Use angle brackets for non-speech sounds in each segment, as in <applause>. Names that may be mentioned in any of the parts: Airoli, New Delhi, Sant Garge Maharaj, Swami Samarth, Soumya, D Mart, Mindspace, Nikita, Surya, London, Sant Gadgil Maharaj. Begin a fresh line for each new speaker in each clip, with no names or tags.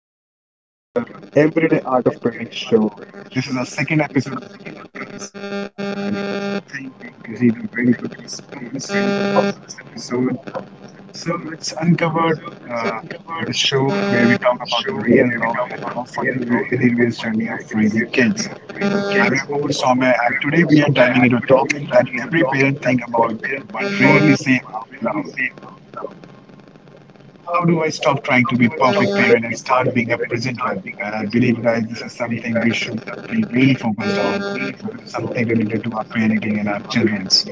welcome to the Everyday Art of Painting show. This is our second episode of the podcast, and I think we received a very good response for the last episode. So let's uncover uh, the show where we talk about the real, raw, and often hilarious journey of raising kids. I'm your host Soumya, and today we are diving into a topic that every parent think about but rarely say out loud. How do I stop trying to be perfect parent and start being a present one? And I believe, guys, this is something we should be really focused on. So this is something related to our parenting and our children's.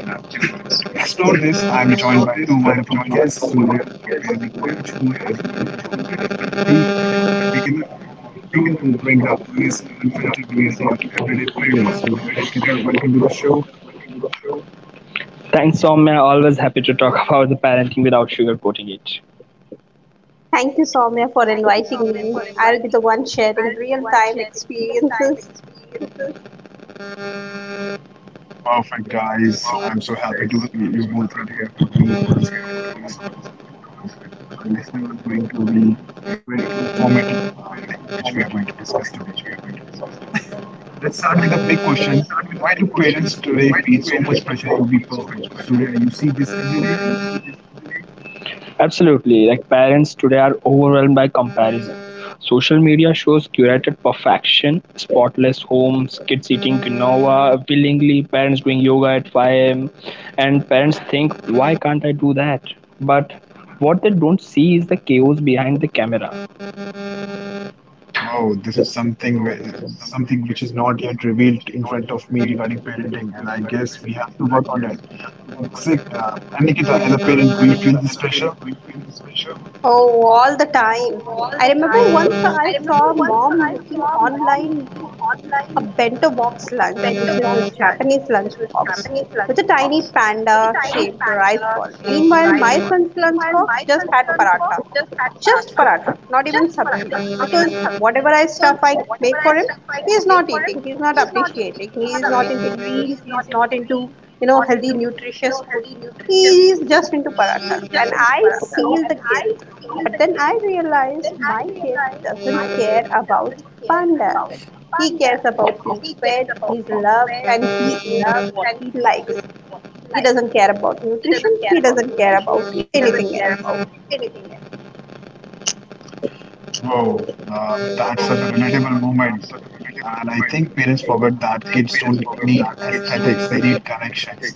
To explore this, I'm joined by two wonderful guests, Surya, a parenting coach who has worked with hundreds of families, and Nikita, who brings the honest and unfiltered reality of everyday parenting. Surya, Nikita, welcome to the show.
Thanks, Soumya. Always happy to talk <laughs> about the parenting without sugarcoating it.
Thank you, Soumya, for inviting me. I'll be the one sharing real time experiences.
Perfect, guys. I'm so happy to you both are here with me for this podcast. That our listeners are going to be very informative thing which we are going to discuss today. Let's start with a big question. Why do parents today feel so much pressure to be perfect? Surya, you see this every day?
Absolutely. Like parents today are overwhelmed by comparison. Social media shows curated perfection, spotless homes, kids eating quinoa willingly, parents doing yoga at 5 a.m. And parents think, why can't I do that? But what they don't see is the chaos behind the camera.
Wow, this is something something which is not yet revealed in front of me regarding parenting, and I guess we have to work on it. Except, and Nikita, as a parent, do you feel this pressure?
Oh, all the time. I remember once I saw mom making online a bento box lunch, which is a Japanese lunch box with a tiny panda shaped rice ball. Meanwhile, my son's lunch box just had paratha. Just paratha, not even sabji. Because whatever I stuff I make for him, he is not eating, he is not appreciating, he is not into greens, he is not into, you know, healthy, nutritious food. He is just into parathas. And I feel the guilt. But then I realize my kid doesn't care about panda. He cares about he's fed, he's loved, and he eats what he likes. He doesn't care about nutrition, he doesn't care about anything else.
Oh, that's such a relatable moment. And I think parents forget that kids don't need aesthetics, they need connections.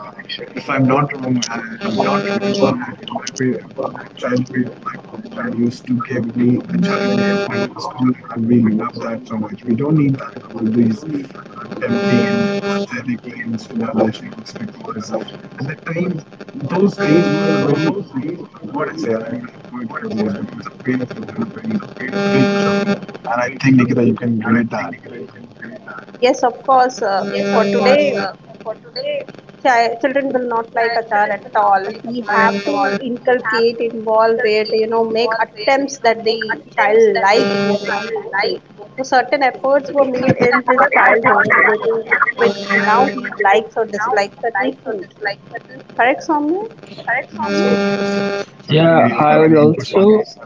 Uh, if I'm not wrong, and I remember that in my childhood, my mom used to give me a chart in primary school, and we love that so much. We don't need that all these tempting and aesthetic things in our lunchbox because at that time, those days were really like what I say. I don't have word for those because our parents have done a very great job, and I think Nikita, you can relate that.
Yes, of course, for today, children will not like achar at all. We have to inculcate, involve it, you know, make attempts that the child likes what he's eating. So certain efforts were made in his childhood, that is, which now he likes or dislikes certain food. Correct, Soumya?
Yes, correct. So,
Yeah,
do you
I
have
would
any input for
also.
this?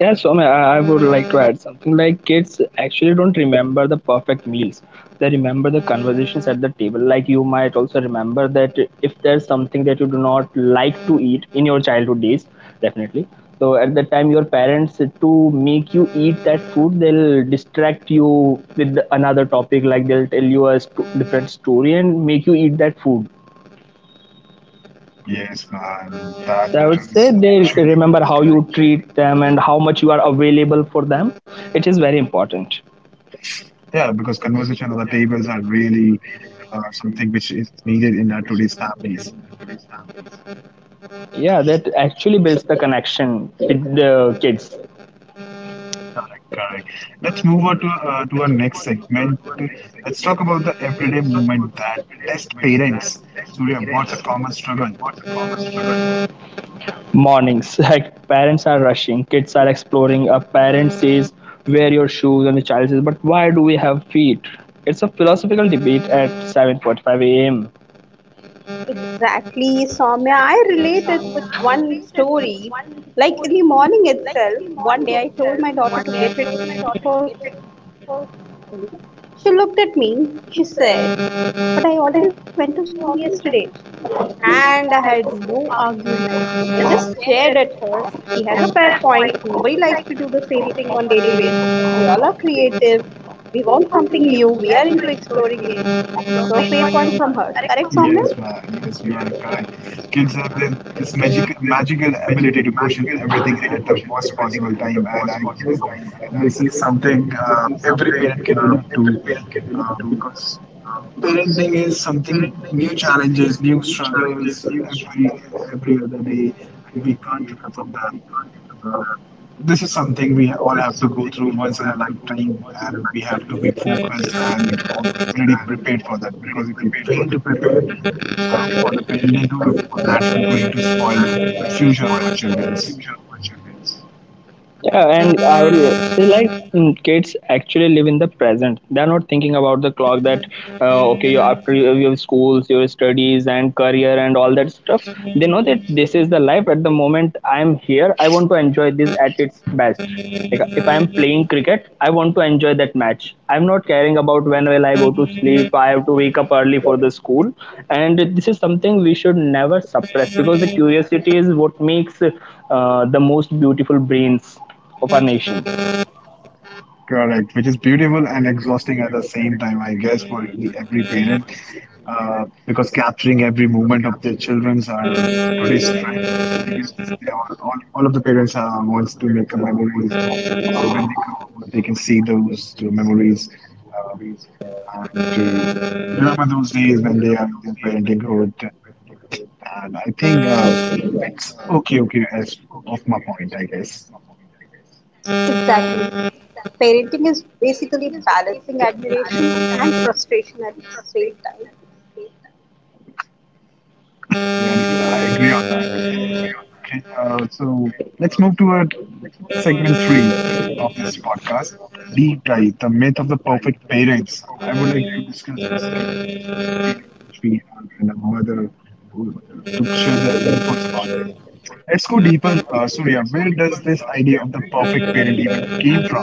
Yeah, so I would like to add something. Like kids actually don't remember the perfect meals. They remember the conversations at the table. Like you might also remember that if there's something that you do not like to eat in your childhood days, definitely. So at the time, your parents to make you eat that food, they'll distract you with another topic. Like they'll tell you a different story and make you eat that food.
Yes, man. That
So I would say
is
they
actually
remember how you treat them and how much you are available for them. It is very important.
yeah, because conversation on the tables are really something which is needed in our today's families.
Yeah, that actually builds the connection with the kids.
Correct, correct. Let's move on to to our next segment. Let's talk about the everyday movement that test parents. Surya, what's a common struggle?
Mornings, <laughs> like parents are rushing, kids are exploring. A parent says, "Wear your shoes," and the child says, "But why do we have feet?" It's a philosophical debate at 7:45 a.m.
Exactly, Soumya. I relate it with one story. Like in the morning itself, one day I told my daughter to get ready for school. She looked at me, she said, but I already went to school yesterday. And I had no argument. I just stared at her. She has a fair point. Nobody likes to do the same thing on daily basis. We all are creative. We want something new. We are into exploring age. So fair point from her. Correct,
Yes,
Soumya?
ma. Yes, you are correct. Kids have this magic magical ability to question everything at the worst possible time, and I guess this is something every parent can relate to because parenting is something new challenges, new struggles every every other day, and we can't run from that. Uh, this is something we all have to go through once in a lifetime, and we have to be focused and already prepared for that. Because if you fail to prepare for the parenthood, that will going to spoil the future of our children.
Yeah, and I would say like kids actually live in the present. They're not thinking about the clock that okay, you after your schools, your studies, and career, and all that stuff. They know that this is the life at the moment. I'm here. I want to enjoy this at its best. Like if I am playing cricket, I want to enjoy that match. I'm not caring about when will I go to sleep. I have to wake up early for the school, and this is something we should never suppress because the curiosity is what makes the most beautiful brains of our nation.
Correct, which is beautiful and exhausting at the same time, I guess, for every parent. Uh, because capturing every movement of their children's are today's trend. I guess they all of the parents wants to make a memories, so when they grow, up, they can see those memories uh, and to remember those days when they are in their parenthood. And I think it's okay, as of my point, I guess.
Exactly. Parenting is basically balancing admiration and frustration at the same time.
Yeah, and I agree on Okay, so let's move to our segment three of this podcast, deep dive, the myth of the perfect parents. I would like to discuss this thing with the parent which we have and our mother who- to share their inputs about it. Let's go deeper, Surya. Where does this idea of the perfect parent even came from?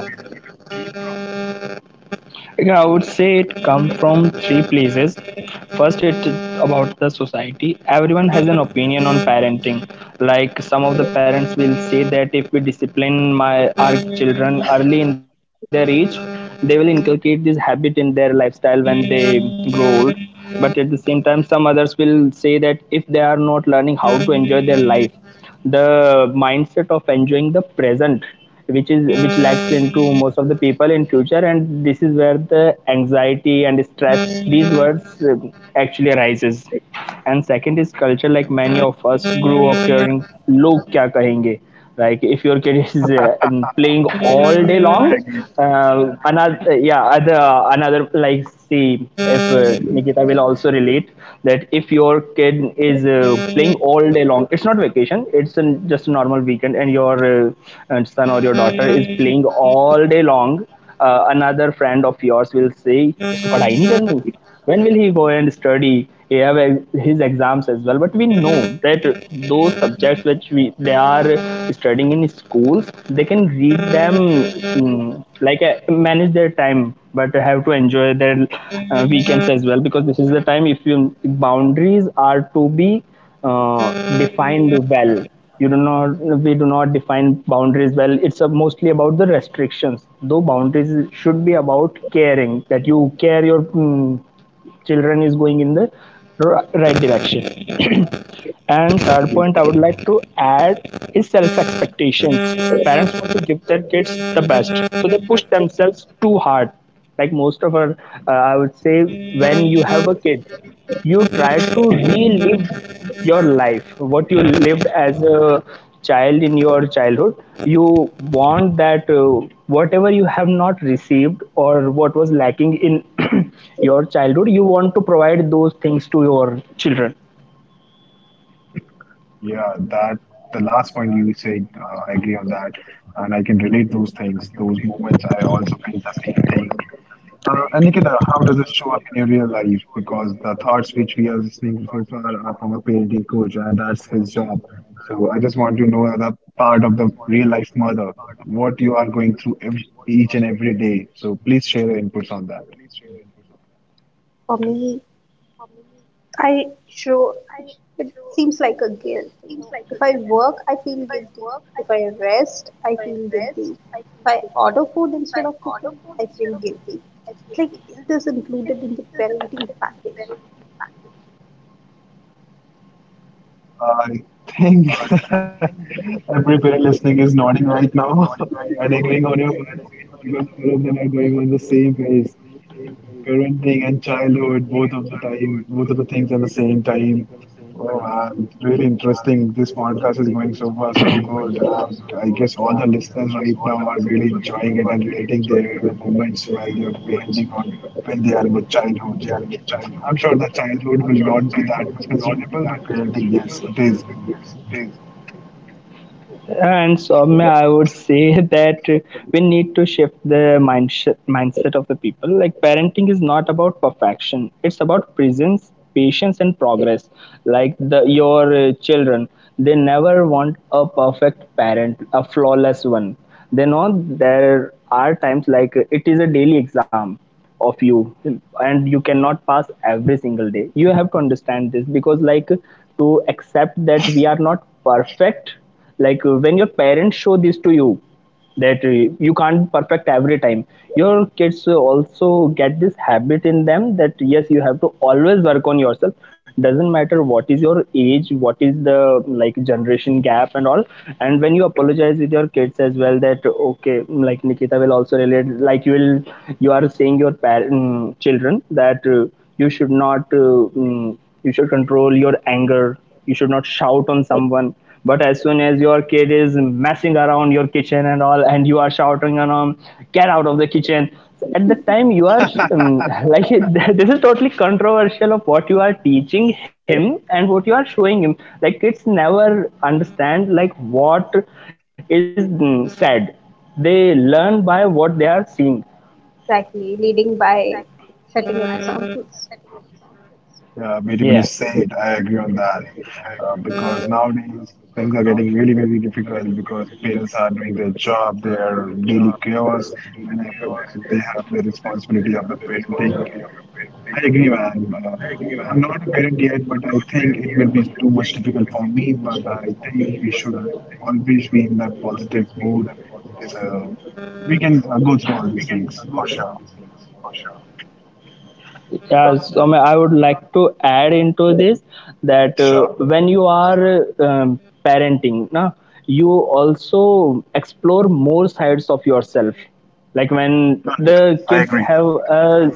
Again, I would say it come from 3 places. First, it's about the society. Everyone has an opinion on parenting. Like some of the parents will say that if we discipline my our children early in their age, they will inculcate this habit in their lifestyle when they grow old. But at the same time, some others will say that if they are not learning how to enjoy their life, the mindset of enjoying the present which lacks into most of the people in future, and this is where the anxiety and stress, these words, actually arises. And second is culture. Like many of us grew up hearing log kya kahenge. Like if your kid is playing all day
I
long,
agree.
another yeah other another like see, if Nikita will also relate, that if your kid is playing all day long, it's not vacation, it's just a normal weekend and your and son or your daughter is playing all day long, another friend of yours will say, isko padhai nahi karni, when will he go and study, he have his exams as well. But we know that those subjects which we they are studying in schools, they can read them, like manage their time, but have to enjoy their weekends as well. Because this is the time, if you boundaries are to be defined well, you do not, we do not define boundaries well, it's mostly about the restrictions, though boundaries should be about caring, that you care your children is going in the right direction. <clears throat> And third point I would like to add is self expectations. Parents want to give their kids the best, so they push themselves too hard. Like most of our, I would say, when you have a kid, you try to relive your life, what you lived as a child in your childhood. You want that whatever you have not received or what was lacking in <clears throat> your childhood, you want to provide those things to your children.
Yeah, that the last point you said, I agree on that, and I can relate those things, those moments. I also felt the same thing. And Nikita, how does this show up in your real life? Because the thoughts which we are listening so far are from a parenting coach, and that's his job. So I just want to know the part of the real life mother, what you are going through every, each and every day. So please share your inputs on that.
For me, I show it seems like a guilt. You know, if I work, I feel guilty. If I rest, I feel guilty. If I order food instead of cooking, I feel guilty. It's like guilt is included in the parenting package.
I think <laughs> everybody listening is nodding right now <laughs> and agreeing on your words because all of them are going on the same page. Parenting and childhood, both of the time, both of the things at the same time. Oh man, really interesting. This podcast is going so far, so good. And I guess all the listeners right now are really enjoying it and relating their moments while they're parenting or when they are in the childhood. I'm sure the childhood will not be that much considerable, but parenting, yes, it is.
And Soumya, I would say <laughs> that we need to shift the mindset of the people. Like parenting is not about perfection; it's about presence, patience, and progress. Like the your children, they never want a perfect parent, a flawless one. They know there are times, like it is a daily exam of you, and you cannot pass every single day. You have to understand this, because like, to accept that we are not perfect, like when your parents show this to you that you can't perfect every time, your kids also get this habit in them, that yes, you have to always work on yourself, doesn't matter what is your age, what is the like generation gap and all. And when you apologize with your kids as well, that okay, like Nikita will also relate, like you are saying your parent children that you should not you should control your anger, you should not shout on someone, but as soon as your kid is messing around your kitchen and all, and you are shouting on him, get out of the kitchen. So at that time, you are <laughs> like this is totally controversial of what you are teaching him and what you are showing him. Like kids never understand like what is said. They learn by what they are seeing.
Exactly, leading by setting examples.
Yeah,
Yeah.
beautifully said. I agree on that. Because nowadays things are getting really, really difficult because parents are doing their job, their daily chaos, and after that they have the responsibility of the parenting. I agree, man. I'm not a parent yet, but I think it will be too much difficult for me. But I think we should always be in that positive mood, so we can go through all these things for sure.
Yes, I would like to add into this that
Sure,
when you are parenting, na, you also explore more sides of yourself. Like when the
I
kids
agree.
have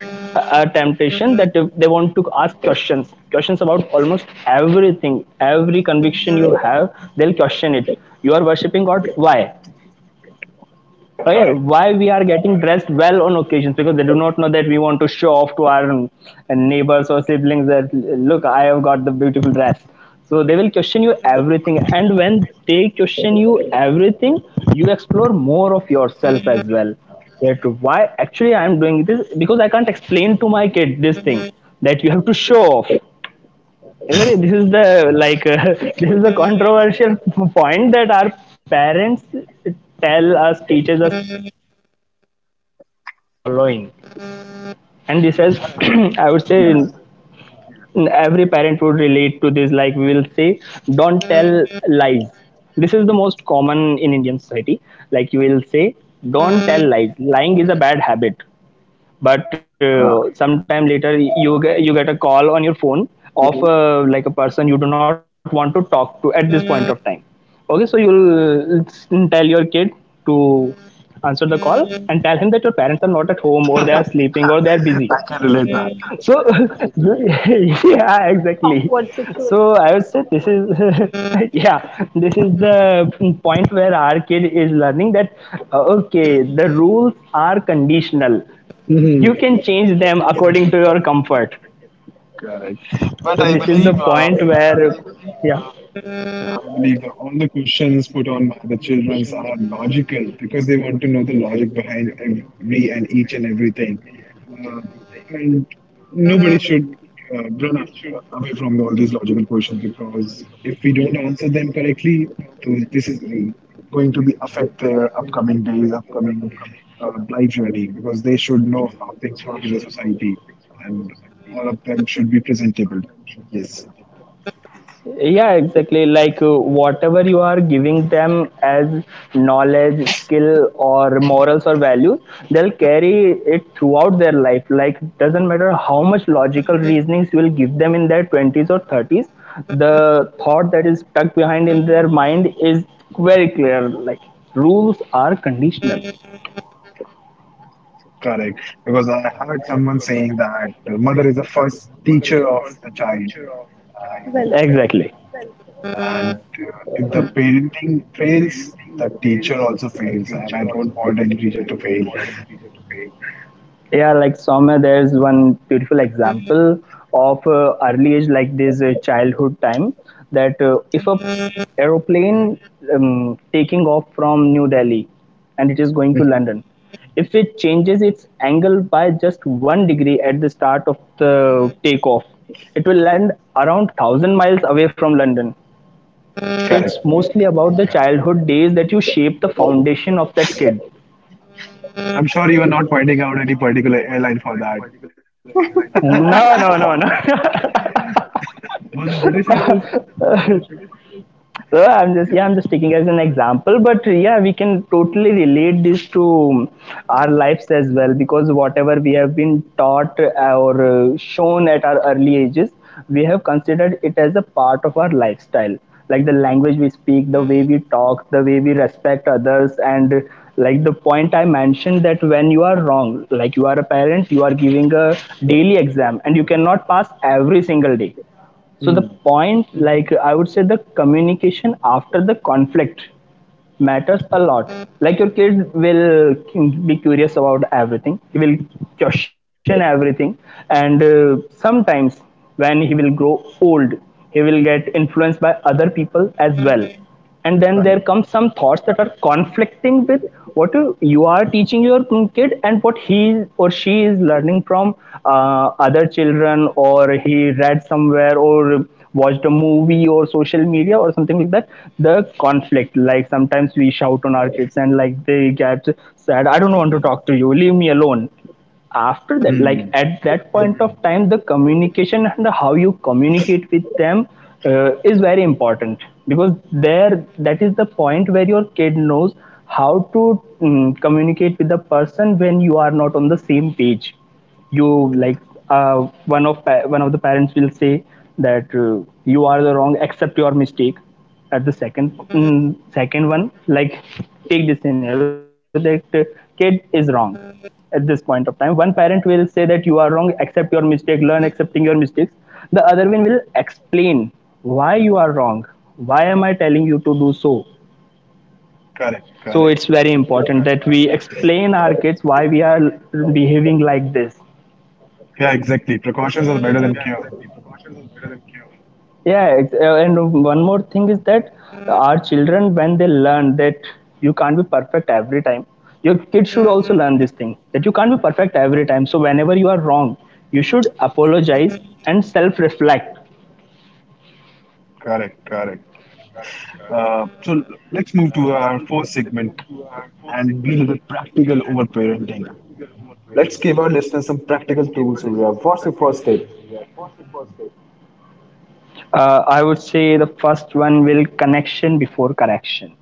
a temptation, that if they want to ask questions, questions about almost everything, every conviction you have, they'll question it. You are worshipping God, why? Okay,
Got it.
why we are getting dressed well on occasions, because they do not know that we want to show off to our neighbors or siblings, that look, I have got the beautiful dress. So they will question you everything, and when they question you everything, you explore more of yourself as well, that why actually I am doing this, because I can't explain to my kid this thing, that you have to show off. Isn't it? This is the like <laughs> this is the controversial <laughs> point, that our parents tell us, teaches us the things that they are not actually following, and this has, <clears throat> I would say,
Yes,
in every parent would relate to this. Like we will say, don't tell lies. This is the most common in Indian society. Like you will say, don't tell lies. Lying is a bad habit, but sometime later you get a call on your phone of like a person you do not want to talk to at this point of time. Okay, so you'll tell your kid to answer the call and tell him that your parents are not at home, or they are sleeping, or they are
I
busy.
can relate that.
So <laughs> yeah, exactly.
Awkward
So I
situation.
would say this is <laughs> yeah, this is the point where our kid is learning that okay, the rules are conditional, you can change them according to your comfort.
Correct. But
So
I
this is the
believe,
point where
yeah, I believe that all the questions put on by the children are logical because they want to know the logic behind every and each and everything. Uh, and nobody should run af away from all these logical questions because if we don't answer them correctly, this is going to be affect their upcoming days,
yeah
upcoming
coming.
uh, life journey because they should know how things work in the society and all of them should be presentable. Yes.
Yes. Yeah, exactly. Like whatever you are giving them as knowledge, skill, or morals, or values, they'll carry it throughout their life. Like doesn't matter how much logical reasonings you will give them in their 20s or 30s, the thought that is stuck behind in their mind is very clear, like rules are conditional.
Correct. Because I heard someone saying that the mother is the first teacher of the child, and,
Well said.
Exactly.
and if the parenting fails, the teacher also fails, and I don't want any teacher to fail.
Yeah, like somewhere there's one beautiful example of early age, like this childhood time, that if a aeroplane taking off from New Delhi and it is going to London, if it changes its angle by just 1 degree at the start of the takeoff, it will land around 1,000 miles away from London. So it's
Correct.
mostly about the yeah childhood days that you shape the foundation of that kid.
I'm sure you are not pointing out any particular airline for that.
No, no, no, no.
Was it British Airways?
So I'm just yeah, I'm just taking as an example, but yeah, we can totally relate this to our lives as well because whatever we have been taught or shown at our early ages, we have considered it as a part of our lifestyle, like the language we speak, the way we talk, the way we respect others, and like the point I mentioned that when you are wrong, like you are a parent, you are giving a daily exam and you cannot pass every single day. So the
Mm.
point, like, I would say the communication after the conflict matters a lot. Like, your kid will be curious about everything. He will question everything. And sometimes when he will grow old, he will get influenced by other people as well, and then
Correct.
there comes some thoughts that are conflicting with what you are teaching your kid and what he or she is learning from other children, or he read somewhere or watched a movie or social media or something like that. The conflict, like, sometimes we shout on our kids and like they get sad. I don't want to talk to you, leave me alone. After that, like,
Mm.
at that point of time, the communication and how you communicate with them is very important, because there, that is the point where your kid knows how to communicate with the person when you are not on the same page. You, like, uh, one of the parents will say that you are the wrong, accept your mistake. At the second one, like, take this scenario that kid is wrong. At this point of time, one parent will say that you are wrong, accept your mistake, learn accepting your mistakes. The other one will explain why you are wrong, why am I telling you to do so.
Correct.
So
Correct.
it's very important that we explain our kids why we are behaving like this.
Yeah, exactly. Precautions are better than cure.
Yeah, and one more thing is that our children, when they learn that you can't be perfect every time, your kids should also learn this thing that you can't be perfect every time. So, whenever you are wrong, you should apologize and self reflect.
Correct. Correct. So let's move to our fourth segment and be a little practical over parenting. Let's give our listeners some practical tools, Surya. What's your first tip?
I would say the first one will connection before correction.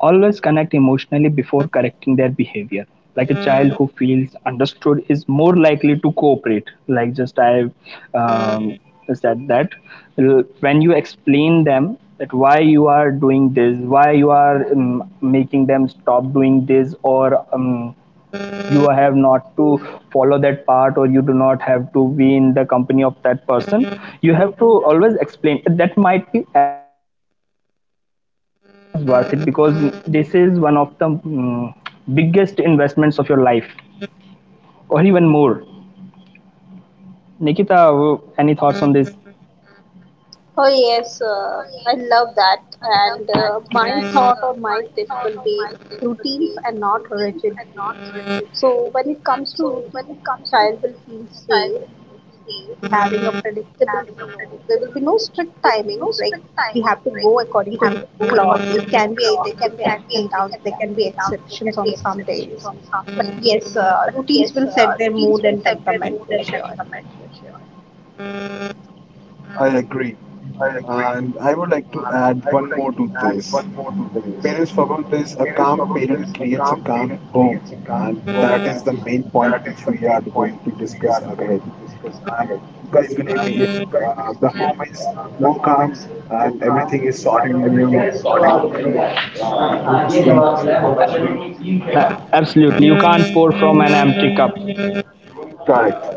Always connect emotionally before correcting their behavior. Like a child who feels understood is more likely to cooperate. Like, just I um, said that, when you explain them that why you are doing this, why you are making them stop doing this, or you have not to follow that part, or you do not have to be in the company of that person, you have to always explain. That might be exhausting, but I would say it is worth it, because this is one of the biggest investments of your life, or even more. Nikita, any thoughts on this?
Oh yes, I love that. And my thought or my tip will be routines and not rigid rules. So when it comes to routines, the child will feel safe. He will be having a predictable flow. There will be no strict timings like we have to go according to the clock. It can be There can be ups and downs. There can be exceptions on some days. But yes, routines will set their mood and temperament for sure.
I agree. And I would like to add one more to this. Like parents forgot this, a calm parent creates a calm home. And that is the main point which we are going to discuss ahead. And you guys believe me, if the home is more calm and everything is sorted in your uh, home suite, it's going to
Absolutely, you can't pour from an empty cup.
be correct.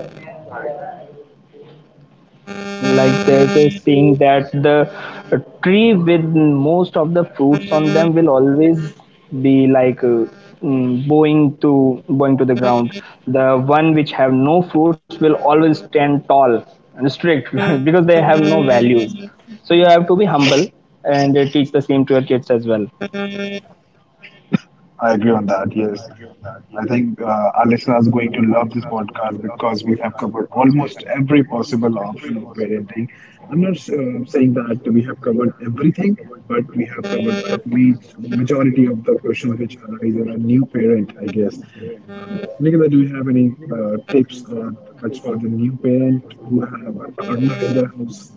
Like, there's a saying that the tree with most of the fruits on them will always be like bowing to the ground. The one which have no fruits will always stand tall and strict <laughs> because they have no values. So you have to be humble, and teach the same to your kids as well.
I agree on that, yes. I think our listeners are going to love this podcast because we have covered almost every possible option of parenting. I'm not saying that we have covered everything, but we have covered the majority of the questions which arise in a new parent, I guess. Nicola, do you have any tips or thoughts for the new parent who have a toddler in their house?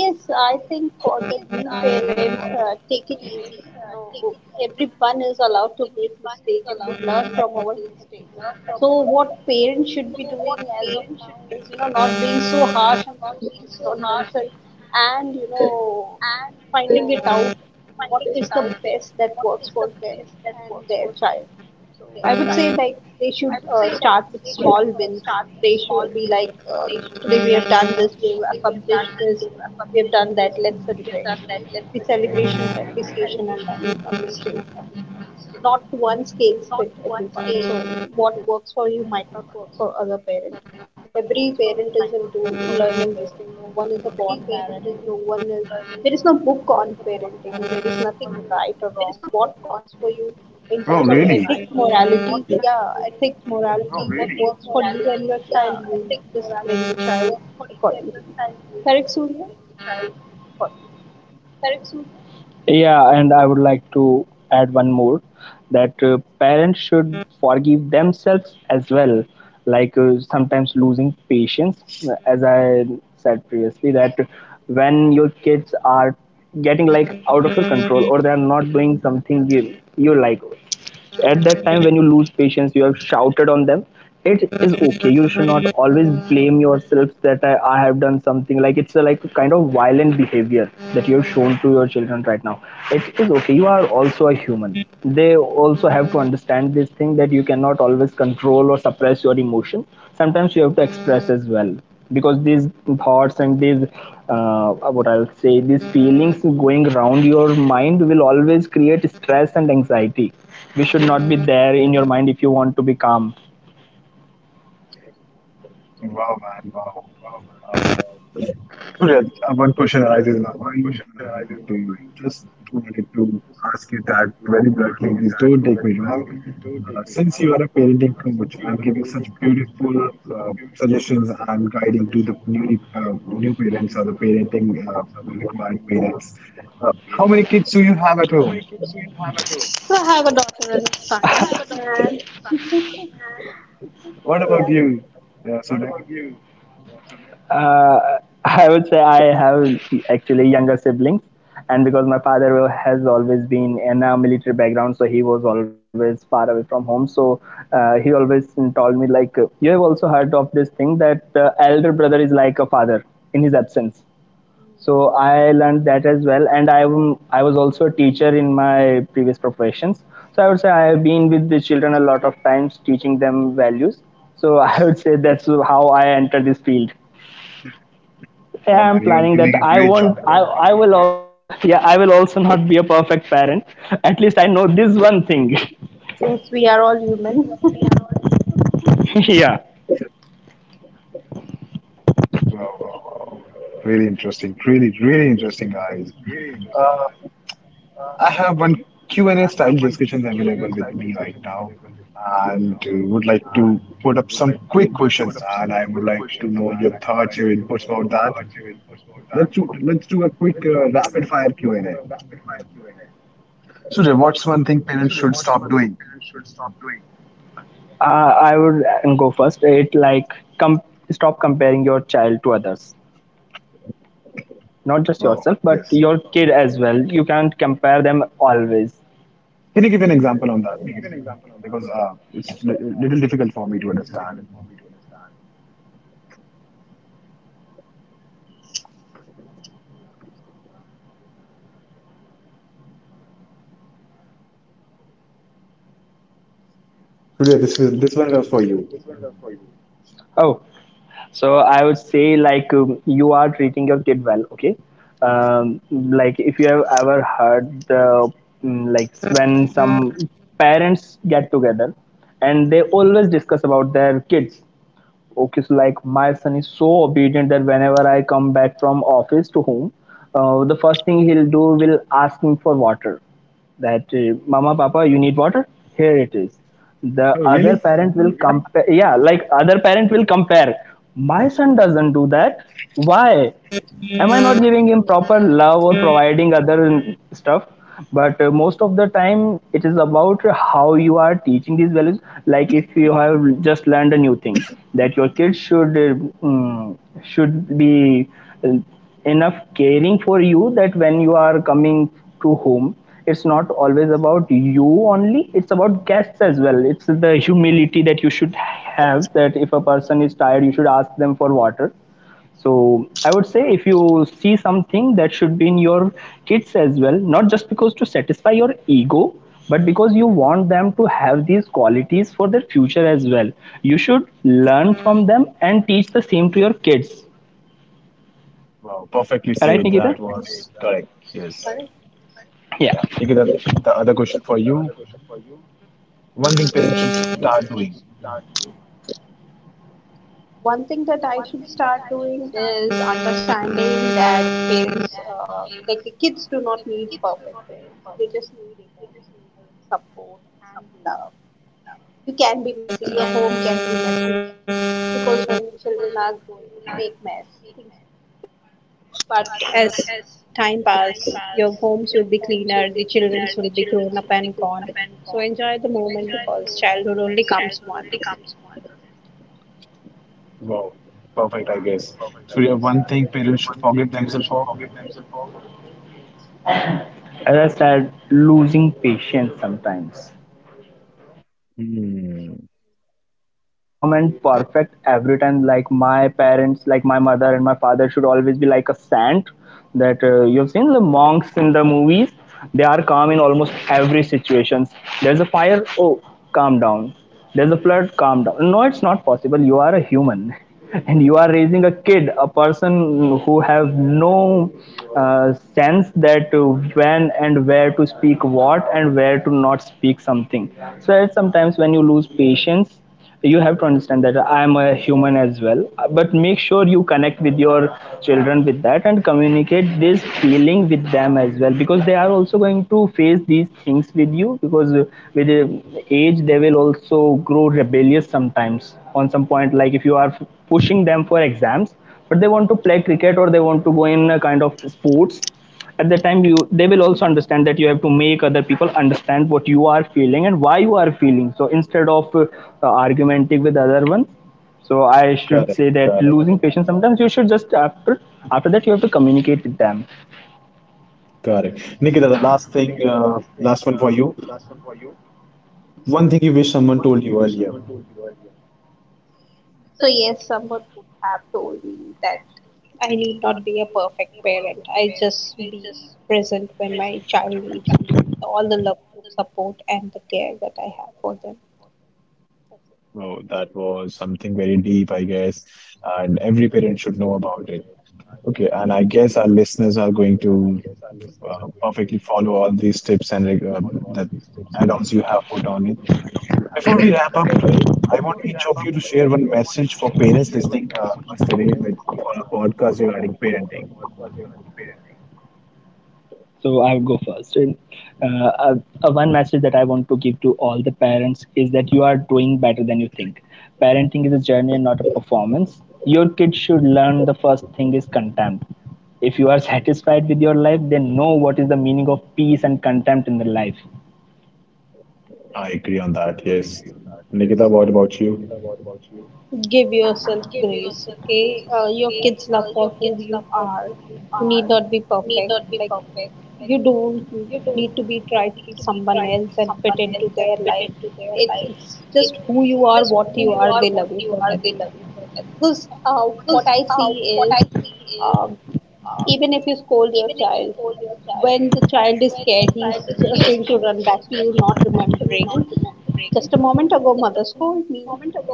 Yes, I think for the new parents, take it easy. You know, everyone is allowed to make mistakes and we learn from our mistakes. So what parents should be doing as of now is, you know, not being so harsh and so strict on oneself and, you know, finding it out what is the best that works for them and their child. So I would say like they should start with small wins. They should be like today we have done this, we have accomplished this, we have done that. Let's celebrate. So there should be celebration, appreciation, and learning from mistakes not one scales fit everyone. So what works for you might not work for other parent. Every parent is into learning this thing. No one is a born parent. No one is There is no book on parenting. There is nothing right or wrong. What works for you in
Oh,
terms of
really?
ethics, morality, yeah, ethics, morality, what works for you and your child, you discipline your child accordingly. Correct, Surya?
Yeah, and I would like to add one more that parents should forgive themselves as well. Like, sometimes losing patience, as I said previously, that when your kids are getting like out of your control, or they are not doing something you like, at that time when you lose patience, you have shouted on them, it is okay. You should not always blame yourself that I have done something, like it's a like a kind of violent behavior that you have shown to your children right now. It is okay, you are also a human. They also have to understand this thing, that you cannot always control or suppress your emotion. Sometimes you have to express as well, because these thoughts and these uh, what I'll say, these feelings going around your mind will always create stress and anxiety. We should not be there in your mind if you want to be calm.
Wow, man, wow. Uh, Surya, one question arises in my mind, and just wanted to ask you that very bluntly. Please don't take me wrong. Since you are a parenting coach and giving such beautiful suggestions and guiding to the newly new parents or the parenting required parents, uh, how many kids do you have at home?
So I have a daughter and a son, and
What about
yeah,
you, Surya?
Uh, <laughs> I would say I have actually younger siblings, and because my father has always been in a military background, so he was always far away from home. So he always told me, like, you have also heard of this thing that elder brother is like a father in his absence. So I learned that as well, and I I was also a teacher in my previous professions. So I would say I have been with the children a lot of times, teaching them values. So <laughs> I would say that's how I entered this field. Yeah,
Oh
I'm
man, you're
planning that
doing a
I
great job.
won't,
Wow,
I will also <laughs> yeah, I will also not be a perfect parent. At least I know this one thing.
yes, we are all human.
<laughs> Yeah.
wow, wow. Wow. Really interesting. Really, really interesting, guys. Uh, I have one Q&A style discussions available with me right now and would like to put up some quick questions and I would like to know your thoughts, your inputs about that. Let's do a quick rapid fire Q&A. Sudhir, what's one thing parents should stop doing?
Uh, I would go first. It, like, stop comparing your child to others. Not just
Wow,
yourself, but
yes.
your kid as well. You can't compare them always.
Can you give an example on that, please? Because it's a little difficult for me to understand. Surya, this one was for you.
Oh, so I would say, like, you are treating your kid well, okay. Um, like, if you have ever heard the like when some parents get together and they always discuss about their kids. Okay, so like, my son is so obedient that whenever I come back from office to home, the first thing he'll do will ask me for water. That, Mama, Papa, you need water? Here it is. The other parent will compare. Yeah, like, other parent will compare. My son doesn't do that. Why? Am I not giving him proper love or providing other stuff? But most of the time it is about how you are teaching these values. Like, if you have just learned a new thing that your kids should should be uh, enough caring for you, that when you are coming to home, it's not always about you only, it's about guests as well. It's the humility that you should have, that if a person is tired, you should ask them for water. So I would say, if you see something that should be in your kids as well, not just because to satisfy your ego, but because you want them to have these qualities for their future as well, you should learn from them and teach the same to your kids.
Wow, perfectly
All right,
said.
Nikita.
That was correct. Yes.
<laughs>
Yeah,
Yeah. Take it up. The other question for you. One thing parents should start doing.
One thing that I should start doing is understanding that parents, like the kids, do not need perfect parents. They just need emotional support and love. You can be messy. Your home can be messy because when the children are growing, they make mess. Things get messier. But as time pass, your homes will be cleaner. The childrens will be grown up and gone. So enjoy the moment because childhood only comes once.
Wow, perfect, I guess. So. You have one thing parents should forgive themselves for.
as I said, losing patience sometimes,
Hmm.
because you can't be calm and perfect every time. Like, my parents, like my mother and my father, should always be like a saint? That, you've seen the monks in the movies, they are calm in almost every situation. There's a fire, oh, calm down. There's a flood, calm down. No, it's not possible, you are a human, and you are raising a kid, a person who have no sense that when and where to speak what, and where to not speak something. So it's sometimes, when you lose patience, you have to understand that I am a human as well. But make sure you connect with your children with that and communicate this feeling with them as well, because they are also going to face these things with you. Because with age, they will also grow rebellious sometimes. On some point, like, if you are pushing them for exams but they want to play cricket, or they want to go in a kind of sports, at that time, you, they
Mhm.
will also understand that you have to make other people understand what you are feeling and why you are feeling so, instead of argumenting with other ones. So I should
Correct,
say that
correct,
losing patience sometimes, you should just after, after that you have to communicate with them.
correct. Nikita, the last thing, last one for you. One thing you wish someone told you earlier.
So, yes, someone would have told me that I need not be a perfect parent. I just be present when my child needs me with all the love, support, and the care that I have for them.
Oh, that was something very deep, I guess, and every parent should know about it. Okay, and I guess our listeners are going to perfectly follow all these tips and that add-ons you have put on it. Before we wrap up today, I want each of you to share one message for parents listening us today with on a podcast regarding parenting.
So I would go first. And, Uh, uh, one message that I want to give to all the parents is that you are doing better than you think. Parenting is a journey and not a performance. Your kid should learn the first thing is contempt. If you are <laughs> satisfied with your life, then know what is the meaning of peace and contempt in the life.
I agree on that, yes. Nikita, what about you?
Give yourself grace, okay? Your kids love for who you are. You need not be perfect. Like, you don't need to be try to be someone else and fit into their life. It's just who you are, what you are, they love you for that reason. Because what I see is um, even if you scold your child, when the child is scared, he's just going to run back to you, not remembering just a moment ago mother scolded me.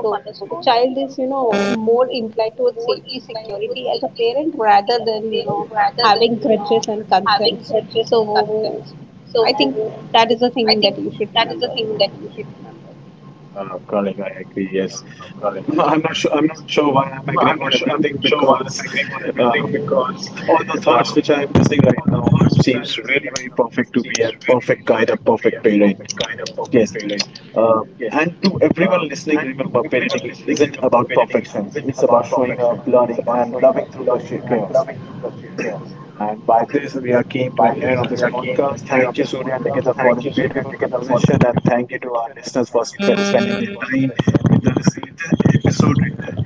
So the child is, you know, more inclined towards safety security as a parent rather than, you know, having grudges and consents. So I think that is the thing that you should remember.
Correct, I agree. Yes. I'm not sure. I'm not sure why I'm agreeing on everything because uh, all the thoughts which I am listening right now seems really very perfect to be a perfect guide, a perfect parent. Yes, uh, and to everyone listening, remember, parenting isn't about perfection. It's about showing up, learning, and loving through the chaos. And by this, we are came to an end of this podcast. Thank you, Surya and Nikita, for this beautiful conversation, and thank you to our listeners for spending their time with us. If this episode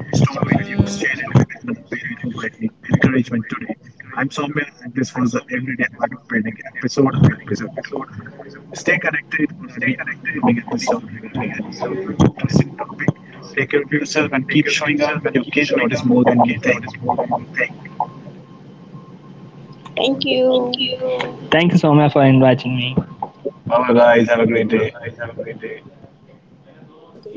restored with you, share it with another parent who might need encouragement today. I'm Soumya, and this was the Everyday Art of Parenting episode, and episode two. Stay connected for our our upcoming episode regarding another interesting topic. Take care of yourself and keep showing up. Your kids notice more than you think.
Thank you.
Thank you so much for inviting me.
Bye, guys. Have a great day.
Happy parenting.